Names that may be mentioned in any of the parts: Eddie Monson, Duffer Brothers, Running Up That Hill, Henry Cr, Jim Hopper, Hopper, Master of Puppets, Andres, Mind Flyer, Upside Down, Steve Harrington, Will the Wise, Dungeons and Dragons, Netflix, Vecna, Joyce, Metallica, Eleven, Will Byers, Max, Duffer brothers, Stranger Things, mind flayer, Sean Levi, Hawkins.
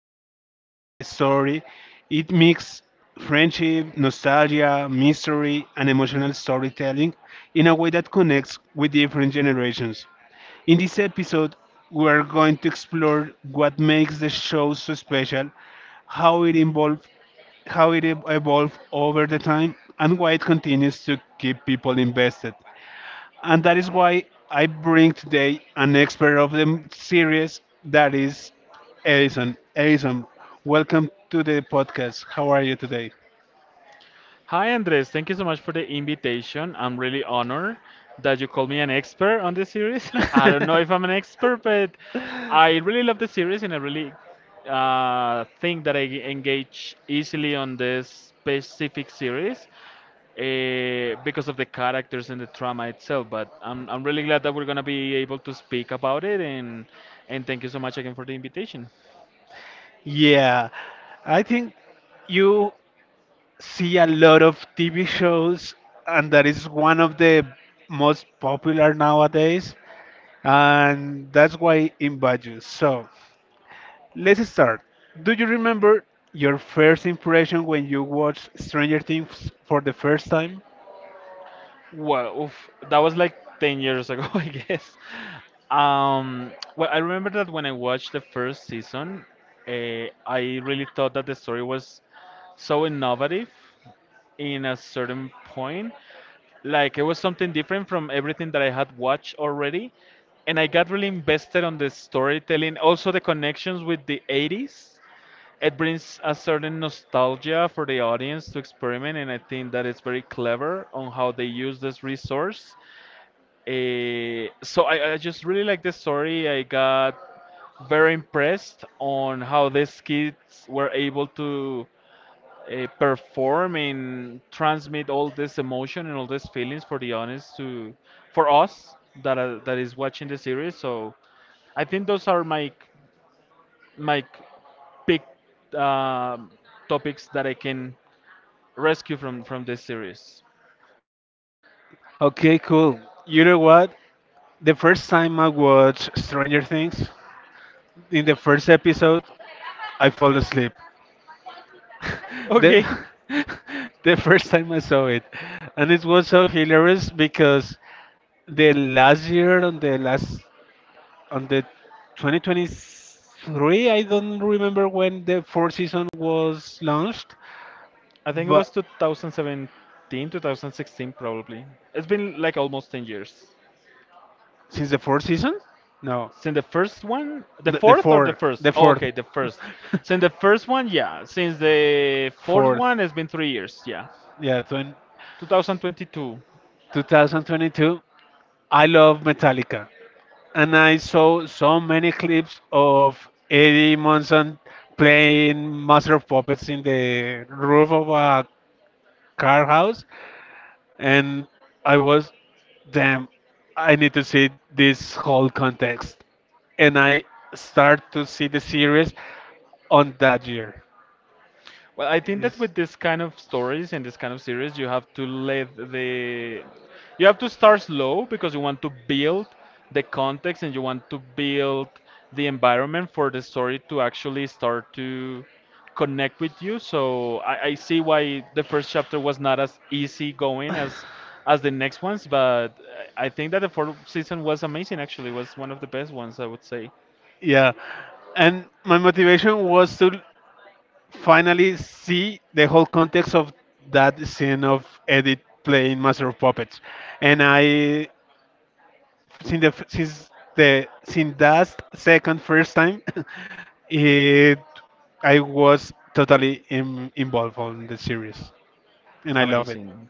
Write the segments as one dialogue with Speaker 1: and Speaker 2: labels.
Speaker 1: just a sci fi story, it mixes friendship, nostalgia, mystery, and emotional storytelling in a way that connects with different generations. In this episode, we're going to explore what makes the show so special, how it evolved, how it evolved over the time, and why it continues to keep people invested. And that is why I bring today an expert of the series, that is Edison. Edison, welcome to the podcast. How are you today?
Speaker 2: Hi, Andres. Thank you so much for the invitation. I'm really honored that you call me an expert on this series. I don't know if I'm an expert, but I really love the series and I really think that I engage easily on this specific series because of the characters and the drama itself. But I'm really glad that we're going to be able to speak about it, and thank you so much again for the invitation.
Speaker 1: Yeah, I think you see a lot of TV shows, and that is one of the most popular nowadays, and that's why I invite you. So, let's start. Do you remember your first impression when you watched Stranger Things for the first time?
Speaker 2: Well, oof, that was like 10 years ago, I guess. Well, I remember that when I watched the first season, uh, I really thought that the story was so innovative in a certain point. Like, it was something different from everything that I had watched already. And I got really invested on the storytelling, also the connections with the 80s. It brings a certain nostalgia for the audience to experiment, and I think that it's very clever on how they use this resource. So I just really like the story. I got very impressed on how these kids were able to perform and transmit all this emotion and all these feelings for the audience to for us that are, that is watching the series. So I think those are my big um topics that I can rescue from this series.
Speaker 1: Okay, cool. You know what? The first time I watched Stranger Things, in the first episode, I fall asleep.
Speaker 2: Okay.
Speaker 1: the, the first time I saw it. And it was so hilarious because the last year on the 2023, I don't remember when the fourth season was launched,
Speaker 2: I think it was
Speaker 1: but
Speaker 2: 2017, 2016 probably. It's been like almost 10 years.
Speaker 1: since the fourth season? No,
Speaker 2: Since the first one, the
Speaker 1: the
Speaker 2: fourth or the
Speaker 1: fourth,
Speaker 2: first?
Speaker 1: the
Speaker 2: Oh,
Speaker 1: fourth,
Speaker 2: okay, the first. Since the first one, yeah. Since the fourth
Speaker 1: fourth.
Speaker 2: one, it's been 3 years, yeah.
Speaker 1: Yeah,
Speaker 2: 2022.
Speaker 1: 2022. I love Metallica, and I saw so many clips of Eddie Monson playing Master of Puppets in the roof of a car house, and I was, damn, I need to see this whole context, and I start to see the series on that year.
Speaker 2: Well, I think that
Speaker 1: Is
Speaker 2: with this kind of stories and this kind of series, you have to let the you have to start slow because you want to build the context and you want to build the environment for the story to actually start to connect with you. So I see why the first chapter was not as easy going as the next ones, but I think that the fourth season was amazing actually. It was one of the best ones I would say.
Speaker 1: So, yeah. And my motivation was to finally see the whole context of that scene of Edith playing Master of Puppets, and I since that second first time, it I was totally involved on the series, and I love it.
Speaker 2: Amazing.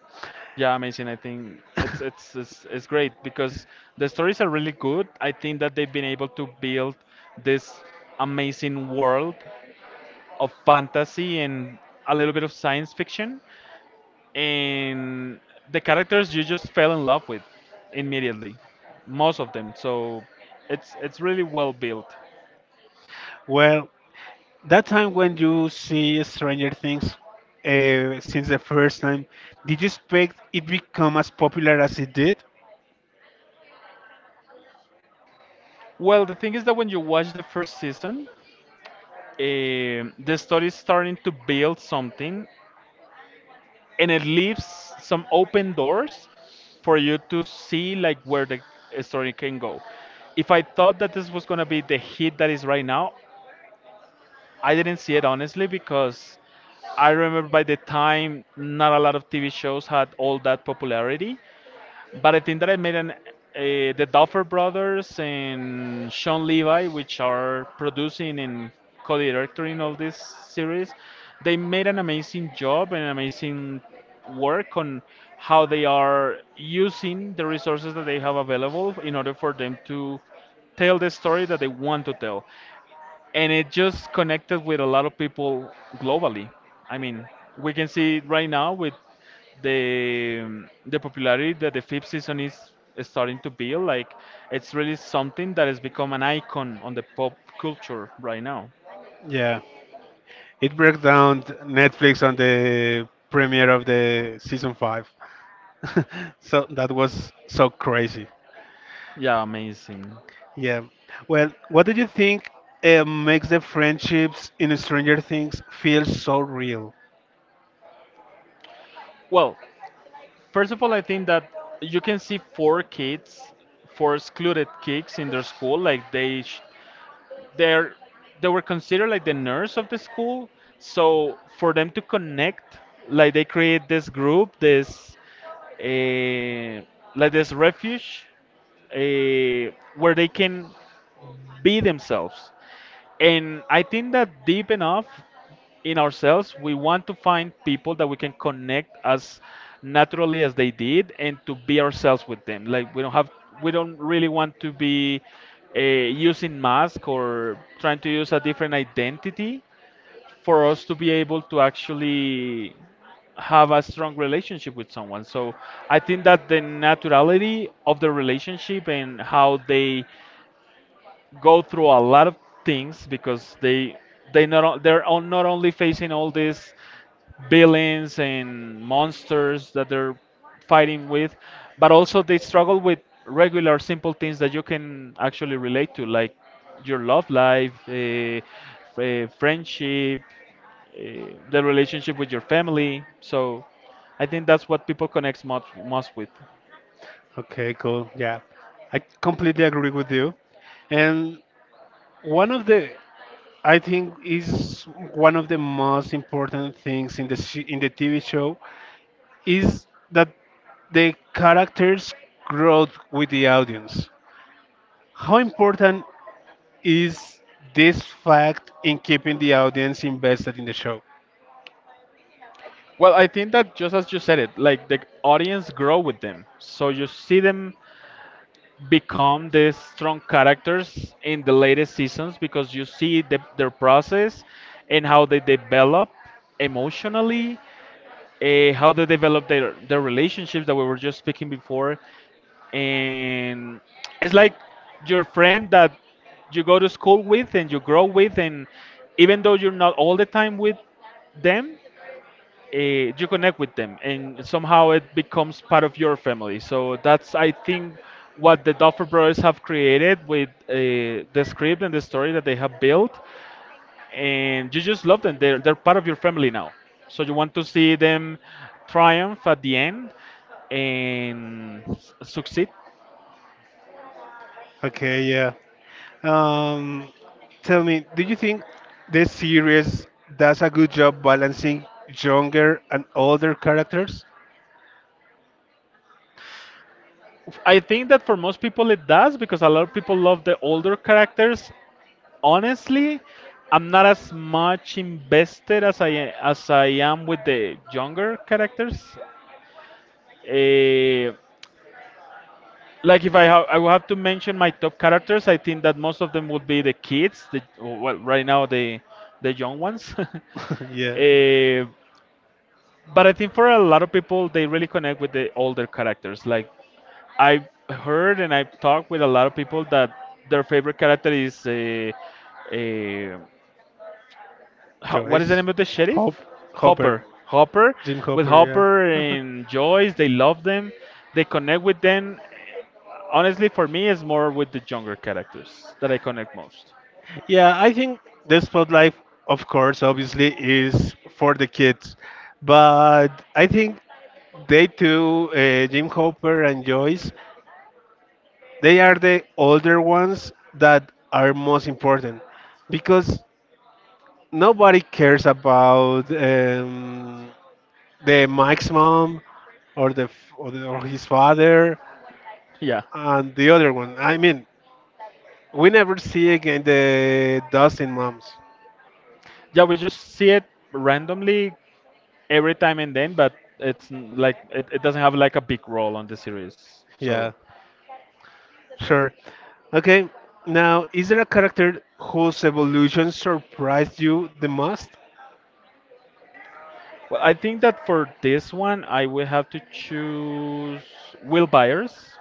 Speaker 2: Yeah, amazing. I think it's it's it's, it's great because the stories are really good. I think that they've been able to build this amazing world of fantasy and a little bit of science fiction and the characters you just fell in love with immediately. Most of them. So it's really well built.
Speaker 1: Well, that time when you see Stranger Things. Since the first time, did you expect it become as popular as it did?
Speaker 2: Well, the thing is that when you watch the first season, the story is starting to build something and it leaves some open doors for you to see like where the story can go. If I thought that this was gonna be the hit that is right now, I didn't see it honestly because I remember by the time not a lot of TV shows had all that popularity. But I think that I made an the Duffer Brothers and Sean Levi, which are producing and co-directing all this series, they made an amazing job and amazing work on how they are using the resources that they have available in order for them to tell the story that they want to tell and it just connected with a lot of people globally. I mean, we can see it right now with the popularity that the fifth season is starting to build. Like, it's really something that has become an icon on the pop culture right now.
Speaker 1: Yeah. It breaks down Netflix on the premiere of the season 5. So that was so crazy.
Speaker 2: Yeah, amazing.
Speaker 1: Yeah. Well, what do you think makes the friendships in Stranger Things feel so real?
Speaker 2: Well, first of all, I think that you can see four kids, four excluded kids in their school. Like they're they were considered like the nerds of the school. So for them to connect, like they create this group, this uh, like this refuge where they can be themselves. And I think that deep enough in ourselves. We want to find people that we can connect as naturally as they did and to be ourselves with them. Like we don't have, we don't really want to be using mask or trying to use a different identity for us to be able to actually have a strong relationship with someone. So I think that the naturality of the relationship and how they go through a lot of things because they're not only facing all these villains and monsters that they're fighting with, but also they struggle with regular simple things that you can actually relate to, like your love life, friendship, uh, the relationship with your family. So I think that's what people connect most with.
Speaker 1: Okay, cool. Yeah. I completely agree with you. And one of the, I think, is one of the most important things in the TV show is that the characters grow with the audience. How important is this fact in keeping the audience invested in the show?
Speaker 2: Well, I think that just as you said it, like the audience grow with them. So you see them become the strong characters in the latest seasons because you see their process and how they develop emotionally, how they develop their relationships that we were just speaking before. And it's like your friend that you go to school with and you grow with, and even though you're not all the time with them, you connect with them and somehow it becomes part of your family. So that's I think what the Duffer Brothers have created with the script and the story that they have built, and you just love them. They're part of your family now, so you want to see them triumph at the end and s- succeed.
Speaker 1: Okay, yeah. Um, Tell me, do you think this series does a good job balancing younger and older characters?
Speaker 2: I think that for most people it does because a lot of people love the older characters honestly. I'm not as much invested as I am with the younger characters. Eh, like if I have, I will have to mention my top characters. I think that most of them would be the kids. The well, right now the young ones.
Speaker 1: Yeah,
Speaker 2: Eh, but I think for a lot of people, they really connect with the older characters. Like I've heard and I've talked with a lot of people that their favorite character is uh, Ho- what is the
Speaker 1: Joyce,
Speaker 2: name of the
Speaker 1: Hope,
Speaker 2: sheriff?
Speaker 1: Hopper,
Speaker 2: Hopper. Hopper.
Speaker 1: Jim
Speaker 2: With
Speaker 1: Hopper,
Speaker 2: Hopper
Speaker 1: yeah.
Speaker 2: and Joyce, they love them. They connect with them. Honestly, for me, it's more with the younger characters that I connect most.
Speaker 1: Yeah, I think the spotlight, of course, obviously, is for the kids, but I think they too, Jim Hopper and Joyce, they are the older ones that are most important because nobody cares about the Mike's mom or the, f- or the or his father
Speaker 2: Yeah.
Speaker 1: and the other one. I mean, we never see again the Dustin moms.
Speaker 2: Yeah, we just see it randomly every time and then, but it's n- like it doesn't have like a big role on the series. So,
Speaker 1: Yeah. Sure. Okay. Now, is there a character whose evolution surprised you the most?
Speaker 2: well, I think that for this one, I will have to choose Will Byers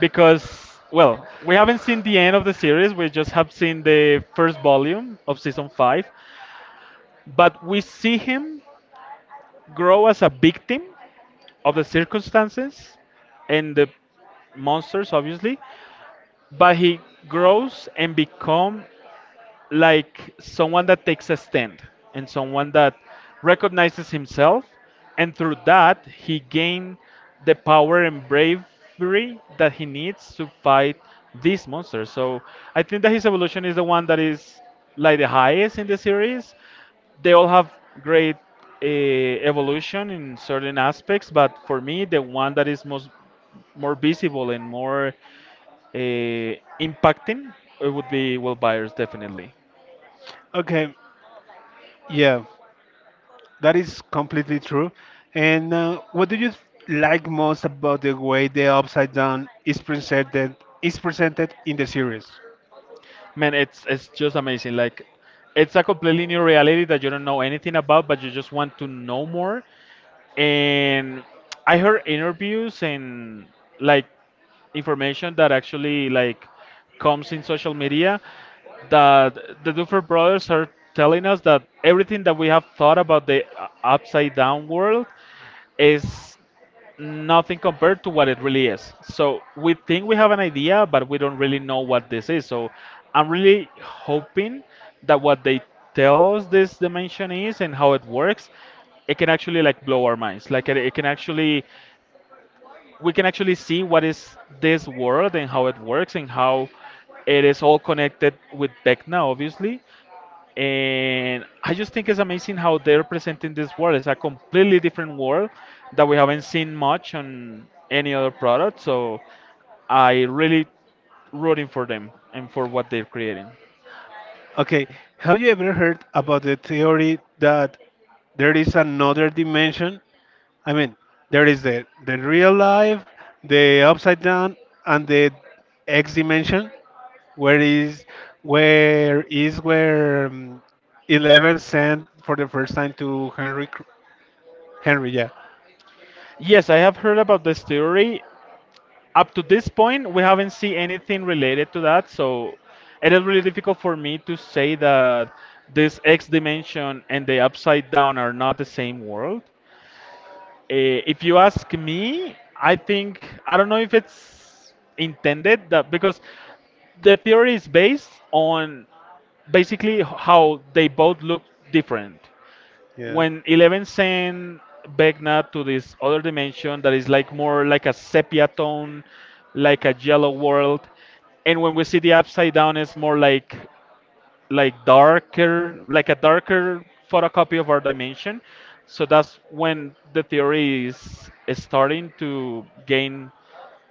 Speaker 2: because well we haven't seen the end of the series. We just have seen the first volume of season 5, but we see him grow as a victim of the circumstances and the monsters obviously, but he grows and become like someone that takes a stand and someone that recognizes himself, and through that he gain the power and bravery that he needs to fight these monsters. So I think that his evolution is the one that is like the highest in the series. They all have great evolution in certain aspects, but for me the one that is most more visible and more uh, impacting, it would be Will Byers, definitely.
Speaker 1: Okay. Yeah, that is completely true. And what do you like most about the way the Upside Down is presented in the series?
Speaker 2: Man, it's just amazing. Like it's a completely new reality that you don't know anything about, but you just want to know more. And I heard interviews and like information that actually like comes in social media that the Duffer Brothers are telling us that everything that we have thought about the upside down world is nothing compared to what it really is. So we think we have an idea, but we don't really know what this is. So I'm really hoping that what they tell us this dimension is and how it works, it can actually like blow our minds. Like it can actually we can actually see what is this world and how it works and how it is all connected with Vecna, obviously. And I just think it's amazing how they're presenting this world. It's a completely different world that we haven't seen much on any other product. So I really rooting for them and for what they're creating.
Speaker 1: Okay, have you ever heard about the theory that there is another dimension? I mean, there is the real life, the upside down, and the X dimension, where is where Eleven sent for the first time to Henry Henry, yeah,
Speaker 2: Yes, I have heard about this theory. Up to this point we haven't seen anything related to that, so it is really difficult for me to say that this X dimension and the upside down are not the same world. If you ask me I think I don't know if it's intended that because the theory is based on basically how they both look different
Speaker 1: yeah.
Speaker 2: when Eleven sent Vecna to this other dimension that is like more like a sepia tone, like a yellow world, and when we see the upside down, it's more like darker, like a darker photocopy of our dimension. So that's when the theory is starting to gain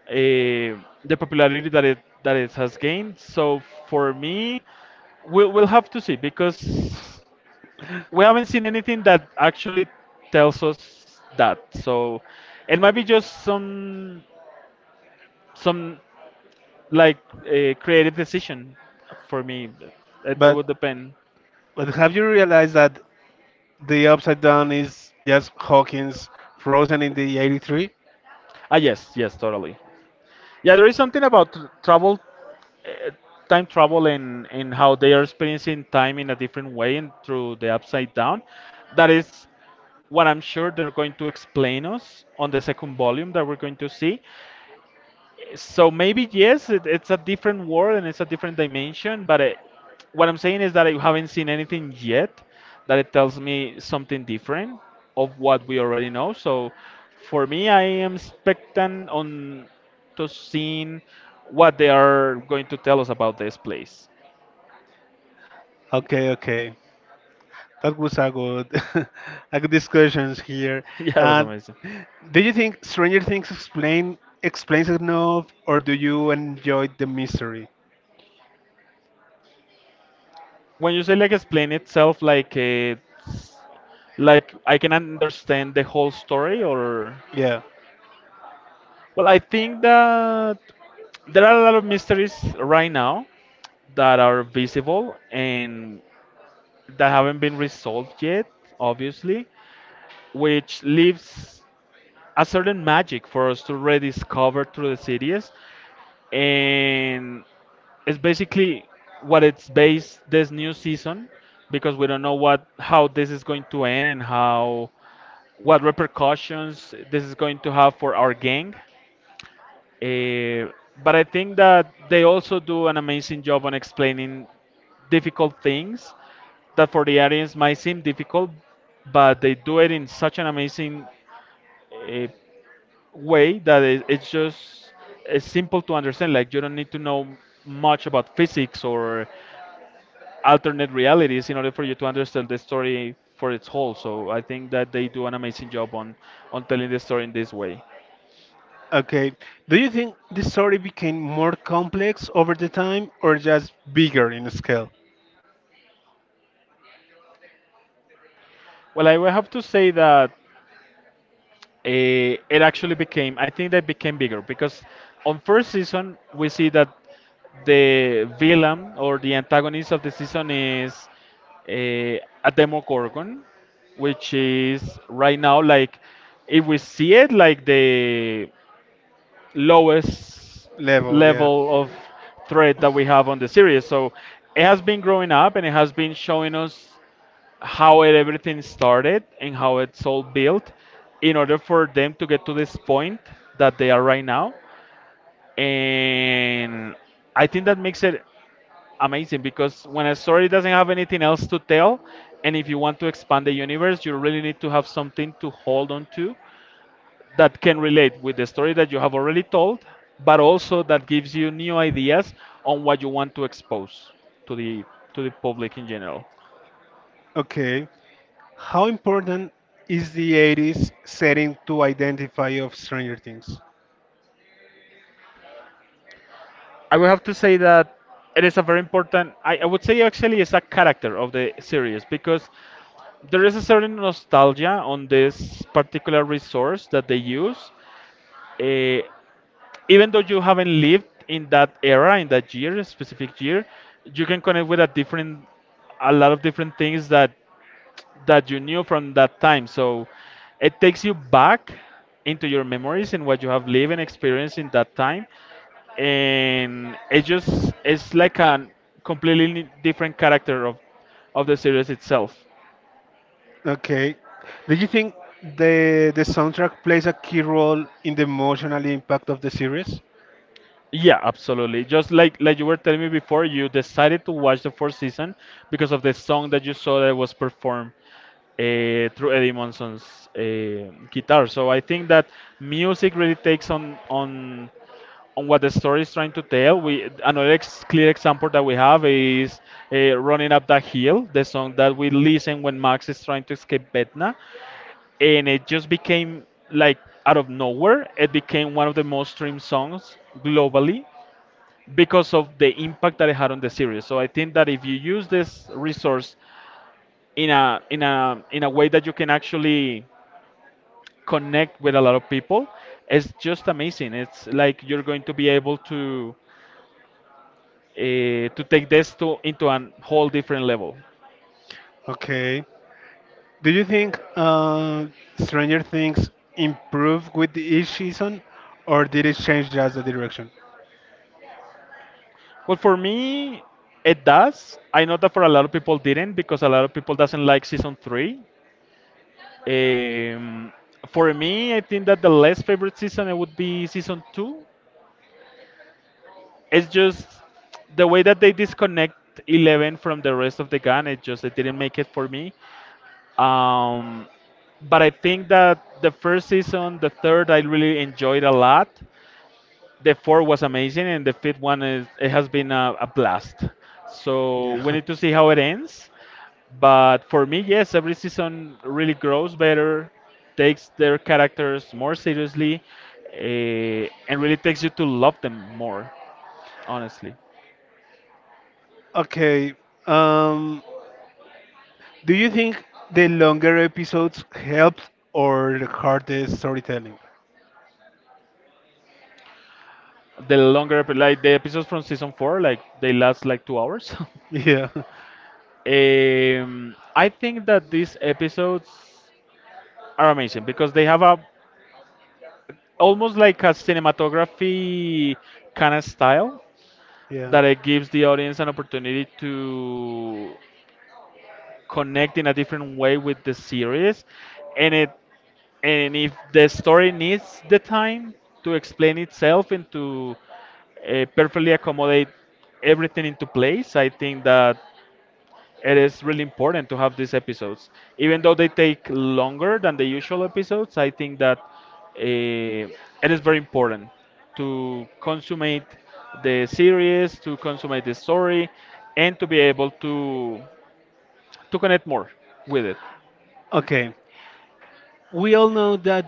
Speaker 2: eh, the popularity that it has gained. So for me, we'll have to see because we haven't
Speaker 1: We
Speaker 2: seen anything that actually tells us that. So it might be just some like a creative decision for me. It
Speaker 1: But
Speaker 2: would depend.
Speaker 1: but have you realized that the upside down is just Hawkins frozen in the 83?
Speaker 2: Ah, yes, yes, totally. Yeah, there is something about travel, time travel, and how they are experiencing time in a different way and through the upside down. That is what I'm sure they're going to explain us on the second volume that we're going to see. So maybe yes, it's a different world and it's a different dimension. But what I'm saying is that I haven't seen anything yet that it tells me something different of what we already know. So for me, I am expectant on to seeing what they are going to tell us about this place.
Speaker 1: Okay, okay. That was a good a good discussions here.
Speaker 2: Yeah, it was
Speaker 1: And
Speaker 2: amazing.
Speaker 1: do you think Stranger Things explains enough or do you enjoy the mystery?
Speaker 2: When you say like explain itself, like it's like I can understand the whole story or.
Speaker 1: Yeah.
Speaker 2: Well, I think that there are a lot of mysteries right now that are visible and that haven't been resolved yet, obviously, which leaves a certain magic for us to rediscover through the series. And it's basically what it's based this new season because we don't know what how this is going to end and how what repercussions this is going to have for our gang. Uh, but I think that they also do an amazing job on explaining difficult things that for the audience might seem difficult, but they do it in such an amazing uh, way that it, it's just it's simple to understand. Like you don't need to know much about physics or alternate realities in order for you to understand the story for its whole. So I think that they do an amazing job on telling the story in this way.
Speaker 1: Okay. Do you think the story became more complex over the time or just bigger in scale?
Speaker 2: Well, I will have to say that it actually became I think that became bigger because on first season we see that the villain or the antagonist of the season is eh, a demogorgon, which is right now like if we see it like the lowest
Speaker 1: Level, yeah.
Speaker 2: level of threat that we have on the series. So it has been growing up and it has been showing us how everything started and how it's all built in order for them to get to this point that they are right now. And I think that makes it amazing because when a story doesn't have anything else to tell, and if you want to expand the universe, you really need to have something to hold on to that can relate with the story that you have already told, but also that gives you new ideas on what you want to expose to the to the public in general.
Speaker 1: Okay. How important is the 80s setting to identify of Stranger Things?
Speaker 2: I would have to say that it is a very important. I would say actually it's a character of the series because there is a certain nostalgia on this particular resource that they use. Eh, Even though you haven't lived in that era, in that year, specific year, you can connect with a lot of different things that you knew from that time. So it takes you back into your memories and what you have lived and experienced in that time. And it just it's like a completely different character of the series itself.
Speaker 1: Okay. Do you think the soundtrack plays a key role in the emotional impact of the series?
Speaker 2: Yeah, absolutely. Just like you were telling me before, you decided to watch the fourth season because of the song that you saw that was performed through Eddie Monson's guitar. So I think that music really takes on what the story is trying to tell. We Another clear example that we have is "Running Up That Hill," the song that we listen when Max is trying to escape Betna, and it just became like out of nowhere. It became one of the most streamed songs globally because of the impact that it had on the series. So I think that if you use this resource in a way that you can actually connect with a lot of people, it's just amazing. It's like you're going to be able to take this to into a whole different level?
Speaker 1: Okay. Do you think Stranger Things improved with each season, or did it change just the direction?
Speaker 2: Well, for me, it does. I know that for a lot of people didn't because a lot of people doesn't like season three. Um, for me, I think that the less favorite season it would be season two. It's just the way that they disconnect Eleven from the rest of the gun. It didn't make it for me. Um, but I think that the first season, the third, I really enjoyed a lot. The fourth was amazing, and the fifth one is it has been a blast. So we need to see how it ends. But for me, yes, every season really grows better, takes their characters more seriously, and really takes you to love them more. Honestly,
Speaker 1: Okay. Um, do you think the longer episodes helped or hurt the storytelling?
Speaker 2: the longer like the episodes from season four, like they last like 2 hours.
Speaker 1: Yeah.
Speaker 2: I think that these episodes are amazing because they have a almost like a cinematography kind of style
Speaker 1: Yeah.
Speaker 2: that it gives the audience an opportunity to connect in a different way with the series and it and if the story needs the time to explain itself and to perfectly accommodate everything into place. I think that it is really important to have these episodes. Even though they take longer than the usual episodes, I think that it is very important to consummate the series, to consummate the story, and to be able to connect more with it.
Speaker 1: Okay. We all know that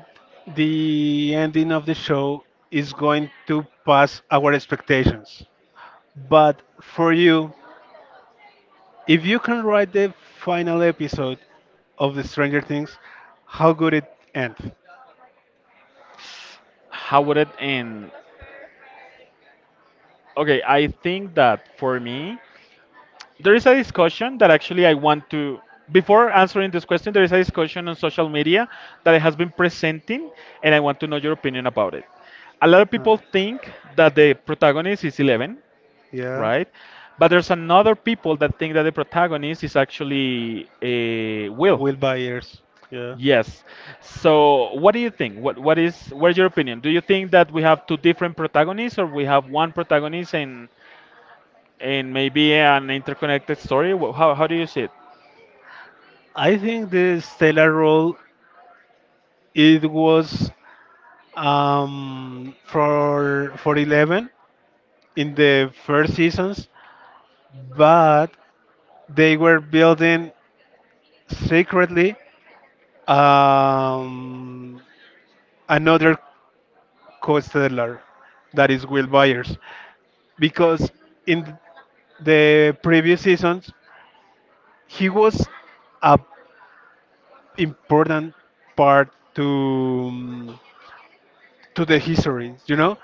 Speaker 1: the ending of the show is going to pass our expectations. But for you, if you can write the final episode of the Stranger Things, how could it end?
Speaker 2: How would it end? Okay, I think that for me, there is a discussion that actually I want to before answering this question, there is a discussion on social media that has been presenting, and I want to know your opinion about it. A lot of
Speaker 1: Huh.
Speaker 2: people think that the protagonist is Eleven,
Speaker 1: Yeah.
Speaker 2: right? But there's another people that think that the protagonist is actually a Will.
Speaker 1: Will Byers. Yeah.
Speaker 2: Yes. So, what do you think? What's your opinion? Do you think that we have two different protagonists, or we have one protagonist and maybe an interconnected story? How do you see it?
Speaker 1: I think the stellar role, it was for Eleven in the first seasons, but they were building secretly, um, another co-settler that is Will Byers, because in the previous seasons he was a important part to to the history. You know,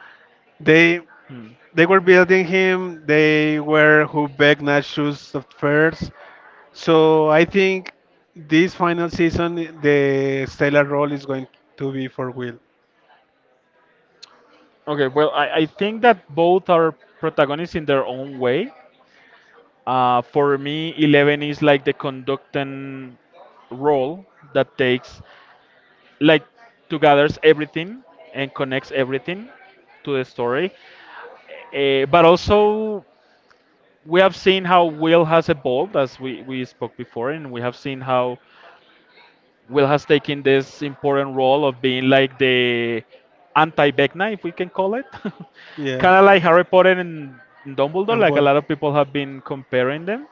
Speaker 1: they
Speaker 2: Hmm.
Speaker 1: They were building him. They were who begged Nachos at first. So I think this final season, the stellar role is going to be for Will.
Speaker 2: Okay, well, I think that both are protagonists in their own way. For me, Eleven is like the conductant role that takes, like, to gathers everything and connects everything to the story. But also, we have seen how Will has evolved, as we spoke before, and we have seen how Will has taken this important role of being like the anti Vecna, if we can call it.
Speaker 1: Yeah.
Speaker 2: Kind of like Harry Potter and Dumbledore,
Speaker 1: And
Speaker 2: like a
Speaker 1: Bolt.
Speaker 2: lot of people have been comparing them.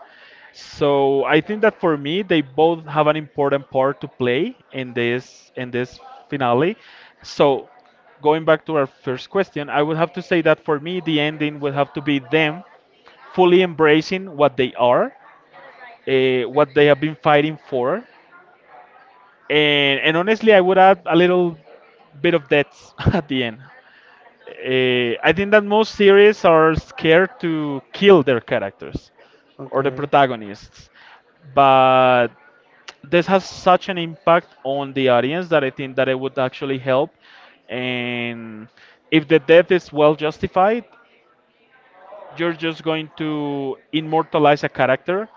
Speaker 2: So I think that for me, they both have an important part to play in this finale. So going back to our first question, I would have to say that for me, the ending would have to be them fully embracing what they are, what they have been fighting for, and honestly, I would add a little bit of deaths at the end. I think that most series are scared to kill their characters or the
Speaker 1: Okay.
Speaker 2: protagonists, but this has such an impact on the audience that I think that it would actually help. And if the death is well justified, you're just going to immortalize a character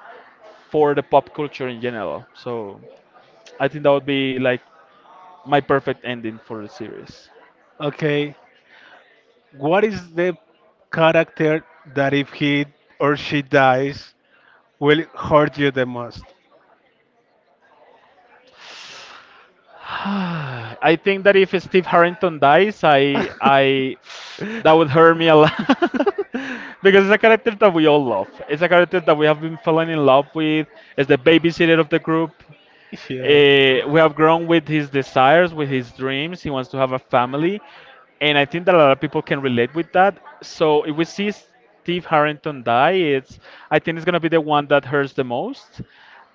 Speaker 2: for the pop culture in general. So I think that would be like my perfect ending for the series.
Speaker 1: Okay. What is the character that if he or she dies will hurt you the most?
Speaker 2: I think that if Steve Harrington dies, I that would hurt me a lot because it's a character that we all love. It's a character that we have been falling in love with. It's the babysitter of the group. We have grown with his desires, with his dreams. He wants to have a family. And I think that a lot of people can relate with that. So if we see Steve Harrington die, it's I think it's gonna be the one that hurts the most.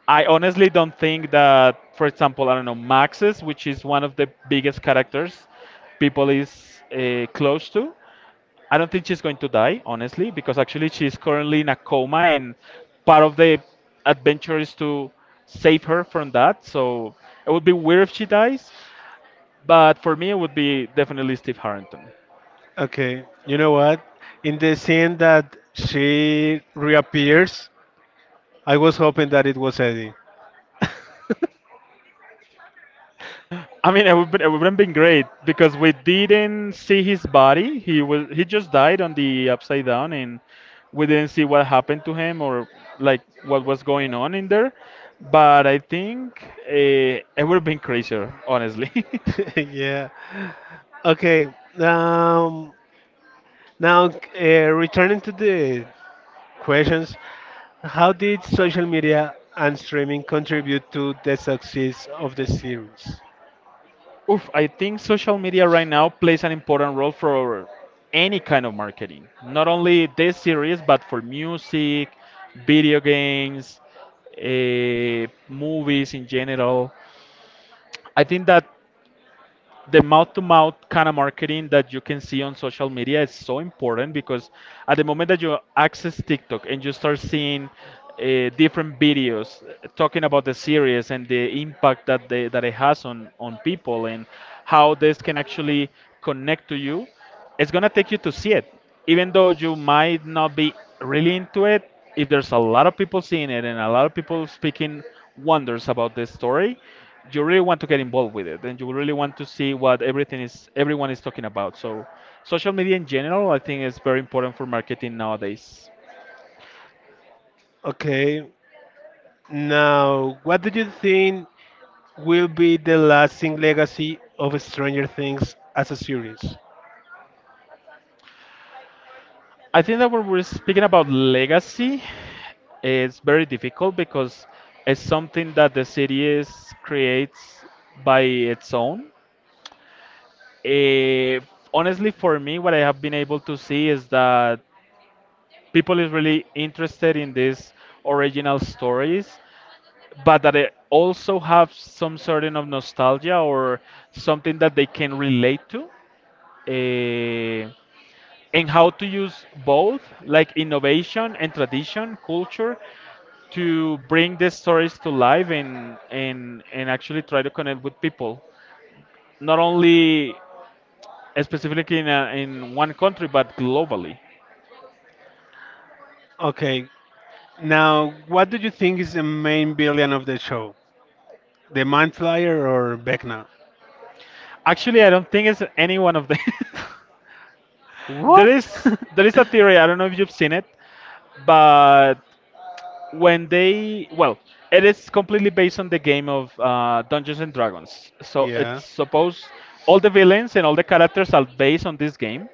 Speaker 2: I honestly don't think that, for example, I don't know, Maxis, which is one of the biggest characters people is close to. I don't think she's going to die, honestly, because actually she's currently in a coma, and part of the adventure is to save her from that. So it would be weird if she dies, but for me, it would be definitely Steve Harrington.
Speaker 1: Okay, you know what? In the scene that she reappears, I was hoping that it was Eddie.
Speaker 2: I mean, it would have been great because we didn't see his body. He just died on the upside down, and we didn't see what happened to him or like what was going on in there. But I think it would have been crazier, honestly.
Speaker 1: Yeah. Okay. Um, Now, uh, returning to the questions, how did social media and streaming contribute to the success of the series?
Speaker 2: Oof, I think social media right now plays an important role for any kind of marketing. Not only this series, but for music, video games, movies in general. I think that the mouth to mouth kind of marketing that you can see on social media is so important because at the moment that you access TikTok and you start seeing different videos talking about the series and the impact that that it has on people and how this can actually connect to you, it's gonna take you to see it, even though you might not be really into it. If there's a lot of people seeing it and a lot of people speaking wonders about this story, you really want to get involved with it, and you really want to see what everything is everyone is talking about. So, social media in general, I think, is very important for marketing nowadays.
Speaker 1: Okay. Now, what do you think will be the lasting legacy of Stranger Things as a series?
Speaker 2: I think that when we're speaking about legacy, it's very difficult because it's something that the city is creates by its own. Eh, Honestly, for me, what I have been able to see is that people is really interested in these original stories, but that they also have some sort of nostalgia or something that they can relate to. Eh, and how to use both, like innovation and tradition, culture, to bring these stories to life and actually try to connect with people. Not only specifically in, a, in one country, but globally.
Speaker 1: Okay, now what do you think is the main villain of the show? The Mind Flyer or Vecna?
Speaker 2: Actually, I don't think it's any one of them. there
Speaker 1: What?
Speaker 2: is there is a theory. I don't know if you've seen it, but when they, well, it is completely based on the game of Dungeons and Dragons. So
Speaker 1: Yeah.
Speaker 2: it's supposed all the villains and all the characters are based on this game.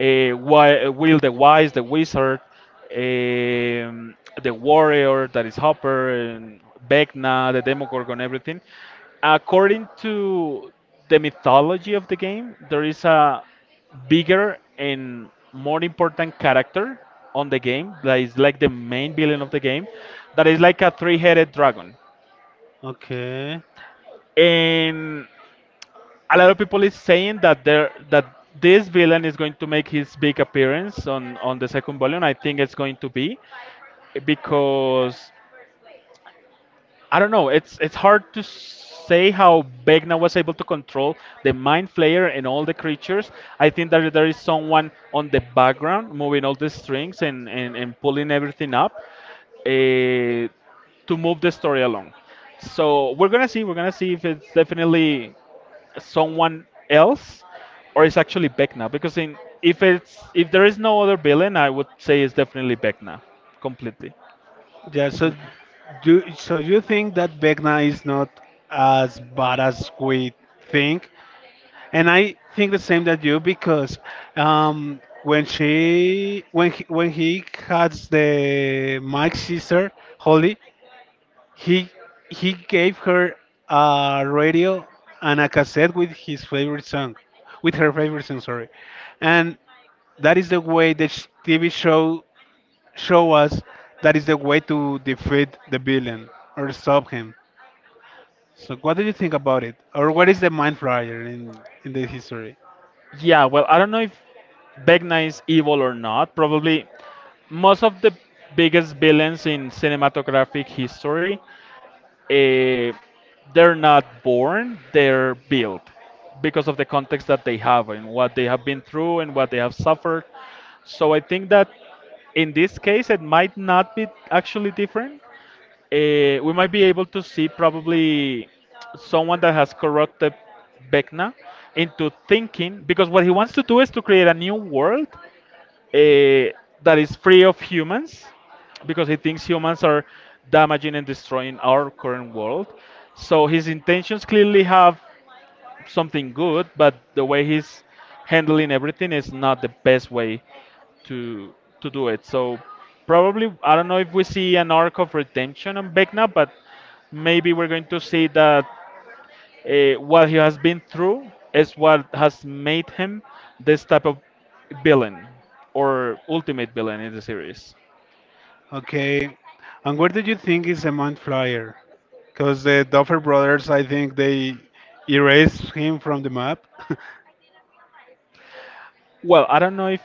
Speaker 2: Will the Wise, the Wizard, um, the Warrior, that is Hopper, and Vecna, the Demogorgon, everything. According to the mythology of the game, there is a bigger and more important character on the game that is like the main villain of the game, that is like a three-headed dragon.
Speaker 1: Okay.
Speaker 2: And a lot of people is saying that there that this villain is going to make his big appearance on the second volume. I think it's going to be because I don't know. It's hard to say how Vecna was able to control the mind flayer and all the creatures. I think that there is someone on the background moving all the strings and and pulling everything up uh, to move the story along. So we're gonna see. We're gonna see if it's definitely someone else, or it's actually Vecna. Because in If it's if there is no other villain, I would say it's definitely Vecna completely.
Speaker 1: Yeah, so you think that Vecna is not as bad as we think? And I think the same that you because when he had the Mike's sister Holly, he he gave her a radio and a cassette with his favorite song, with her favorite song, sorry, and that is the way TV show us that is the way to defeat the villain or stop him. So what do you think about it, or what is the mind flyer in the history?
Speaker 2: Yeah, well, I don't know if Vecna is evil or not. Probably most of the biggest villains in cinematographic history, eh, they're not born, they're built because of the context that they have and what they have been through and what they have suffered. So I think that in this case, it might not be actually different. We might be able to see probably someone that has corrupted Vecna into thinking, because what he wants to do is to create a new world eh, that is free of humans, because he thinks humans are damaging and destroying our current world. So his intentions clearly have something good, but the way he's handling everything is not the best way to to do it. So probably I don't know if we see an arc of redemption on Vecna, but maybe we're going to see that what he has been through is what has made him this type of villain or ultimate villain in the series.
Speaker 1: Okay. And where do you think is the Mount Flyer? Because the Duffer brothers, I think they erased him from the map.
Speaker 2: Well, I don't know if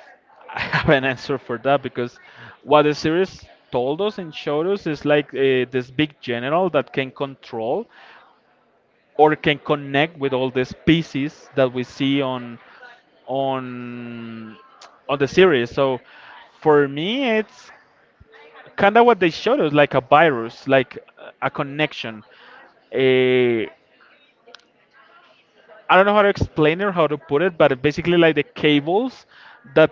Speaker 2: I have an answer for that, because what the series told us and showed us is like this big general that can control or can connect with all the species that we see on on the series. So for me, it's kind of what they showed us, like a virus, like a connection. I I don't know how to explain it or how to put it, but basically like the cables that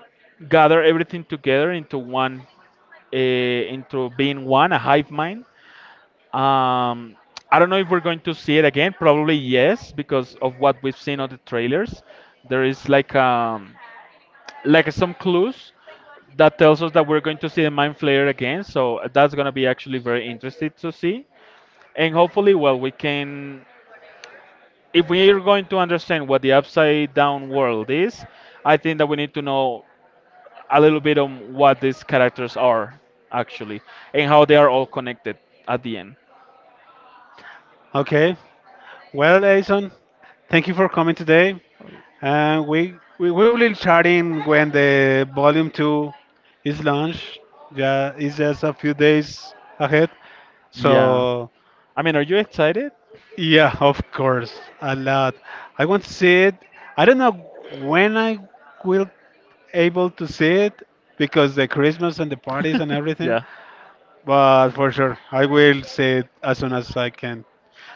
Speaker 2: gather everything together into one, uh, into being one, a hive mind. um, I don't know if we're going to see it again, probably yes, because of what we've seen on the trailers. There is like some clues that tells us that we're going to see the mind flayer again, so that's going to be actually very interesting to see. And hopefully, well, we can, if we are going to understand what the upside down world is, I think that we need to know a little bit on what these characters are actually and how they are all connected at the end.
Speaker 1: Okay. Well, Jason, thank you for coming today. And we will chat in when the volume 2 is launched. Yeah, it's just a few days ahead.
Speaker 2: Yeah.
Speaker 1: So
Speaker 2: I mean, are you excited?
Speaker 1: yeah, of course, a lot. I want to see it. I don't know when I will able to see it because the Christmas and the parties and everything.
Speaker 2: Yeah.
Speaker 1: But for sure, I will see it as soon as I can.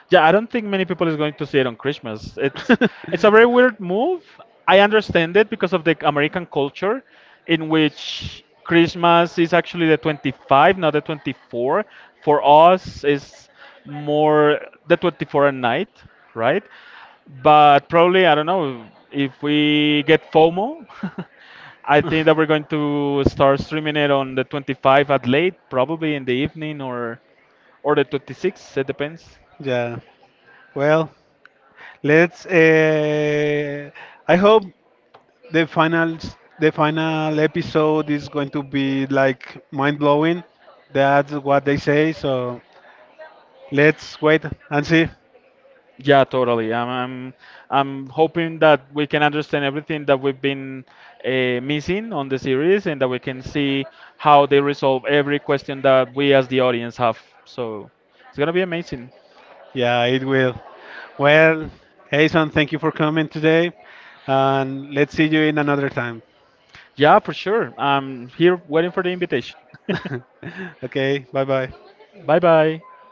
Speaker 2: Yeah, I don't think many people is going to see it on Christmas. It's a very weird move. I understand it because of the American culture, in which Christmas is actually the 25th, not the 24th. For us, is more the 24th at night, right? But probably I don't know if we get FOMO. I think that we're going to start streaming it on the 25th at late, probably in the evening or the 26th. It depends.
Speaker 1: Yeah. Well, let's. I hope the final episode is going to be like mind blowing. That's what they say. So let's wait and see.
Speaker 2: Yeah, totally. I'm hoping that we can understand everything that we've been uh, missing on the series and that we can see how they resolve every question that we as the audience have. So it's going to be amazing.
Speaker 1: Yeah, it will. Well, Jason, thank you for coming today, and let's see you in another time.
Speaker 2: Yeah, for sure. I'm here waiting for the invitation.
Speaker 1: Okay, bye bye.
Speaker 2: Bye bye.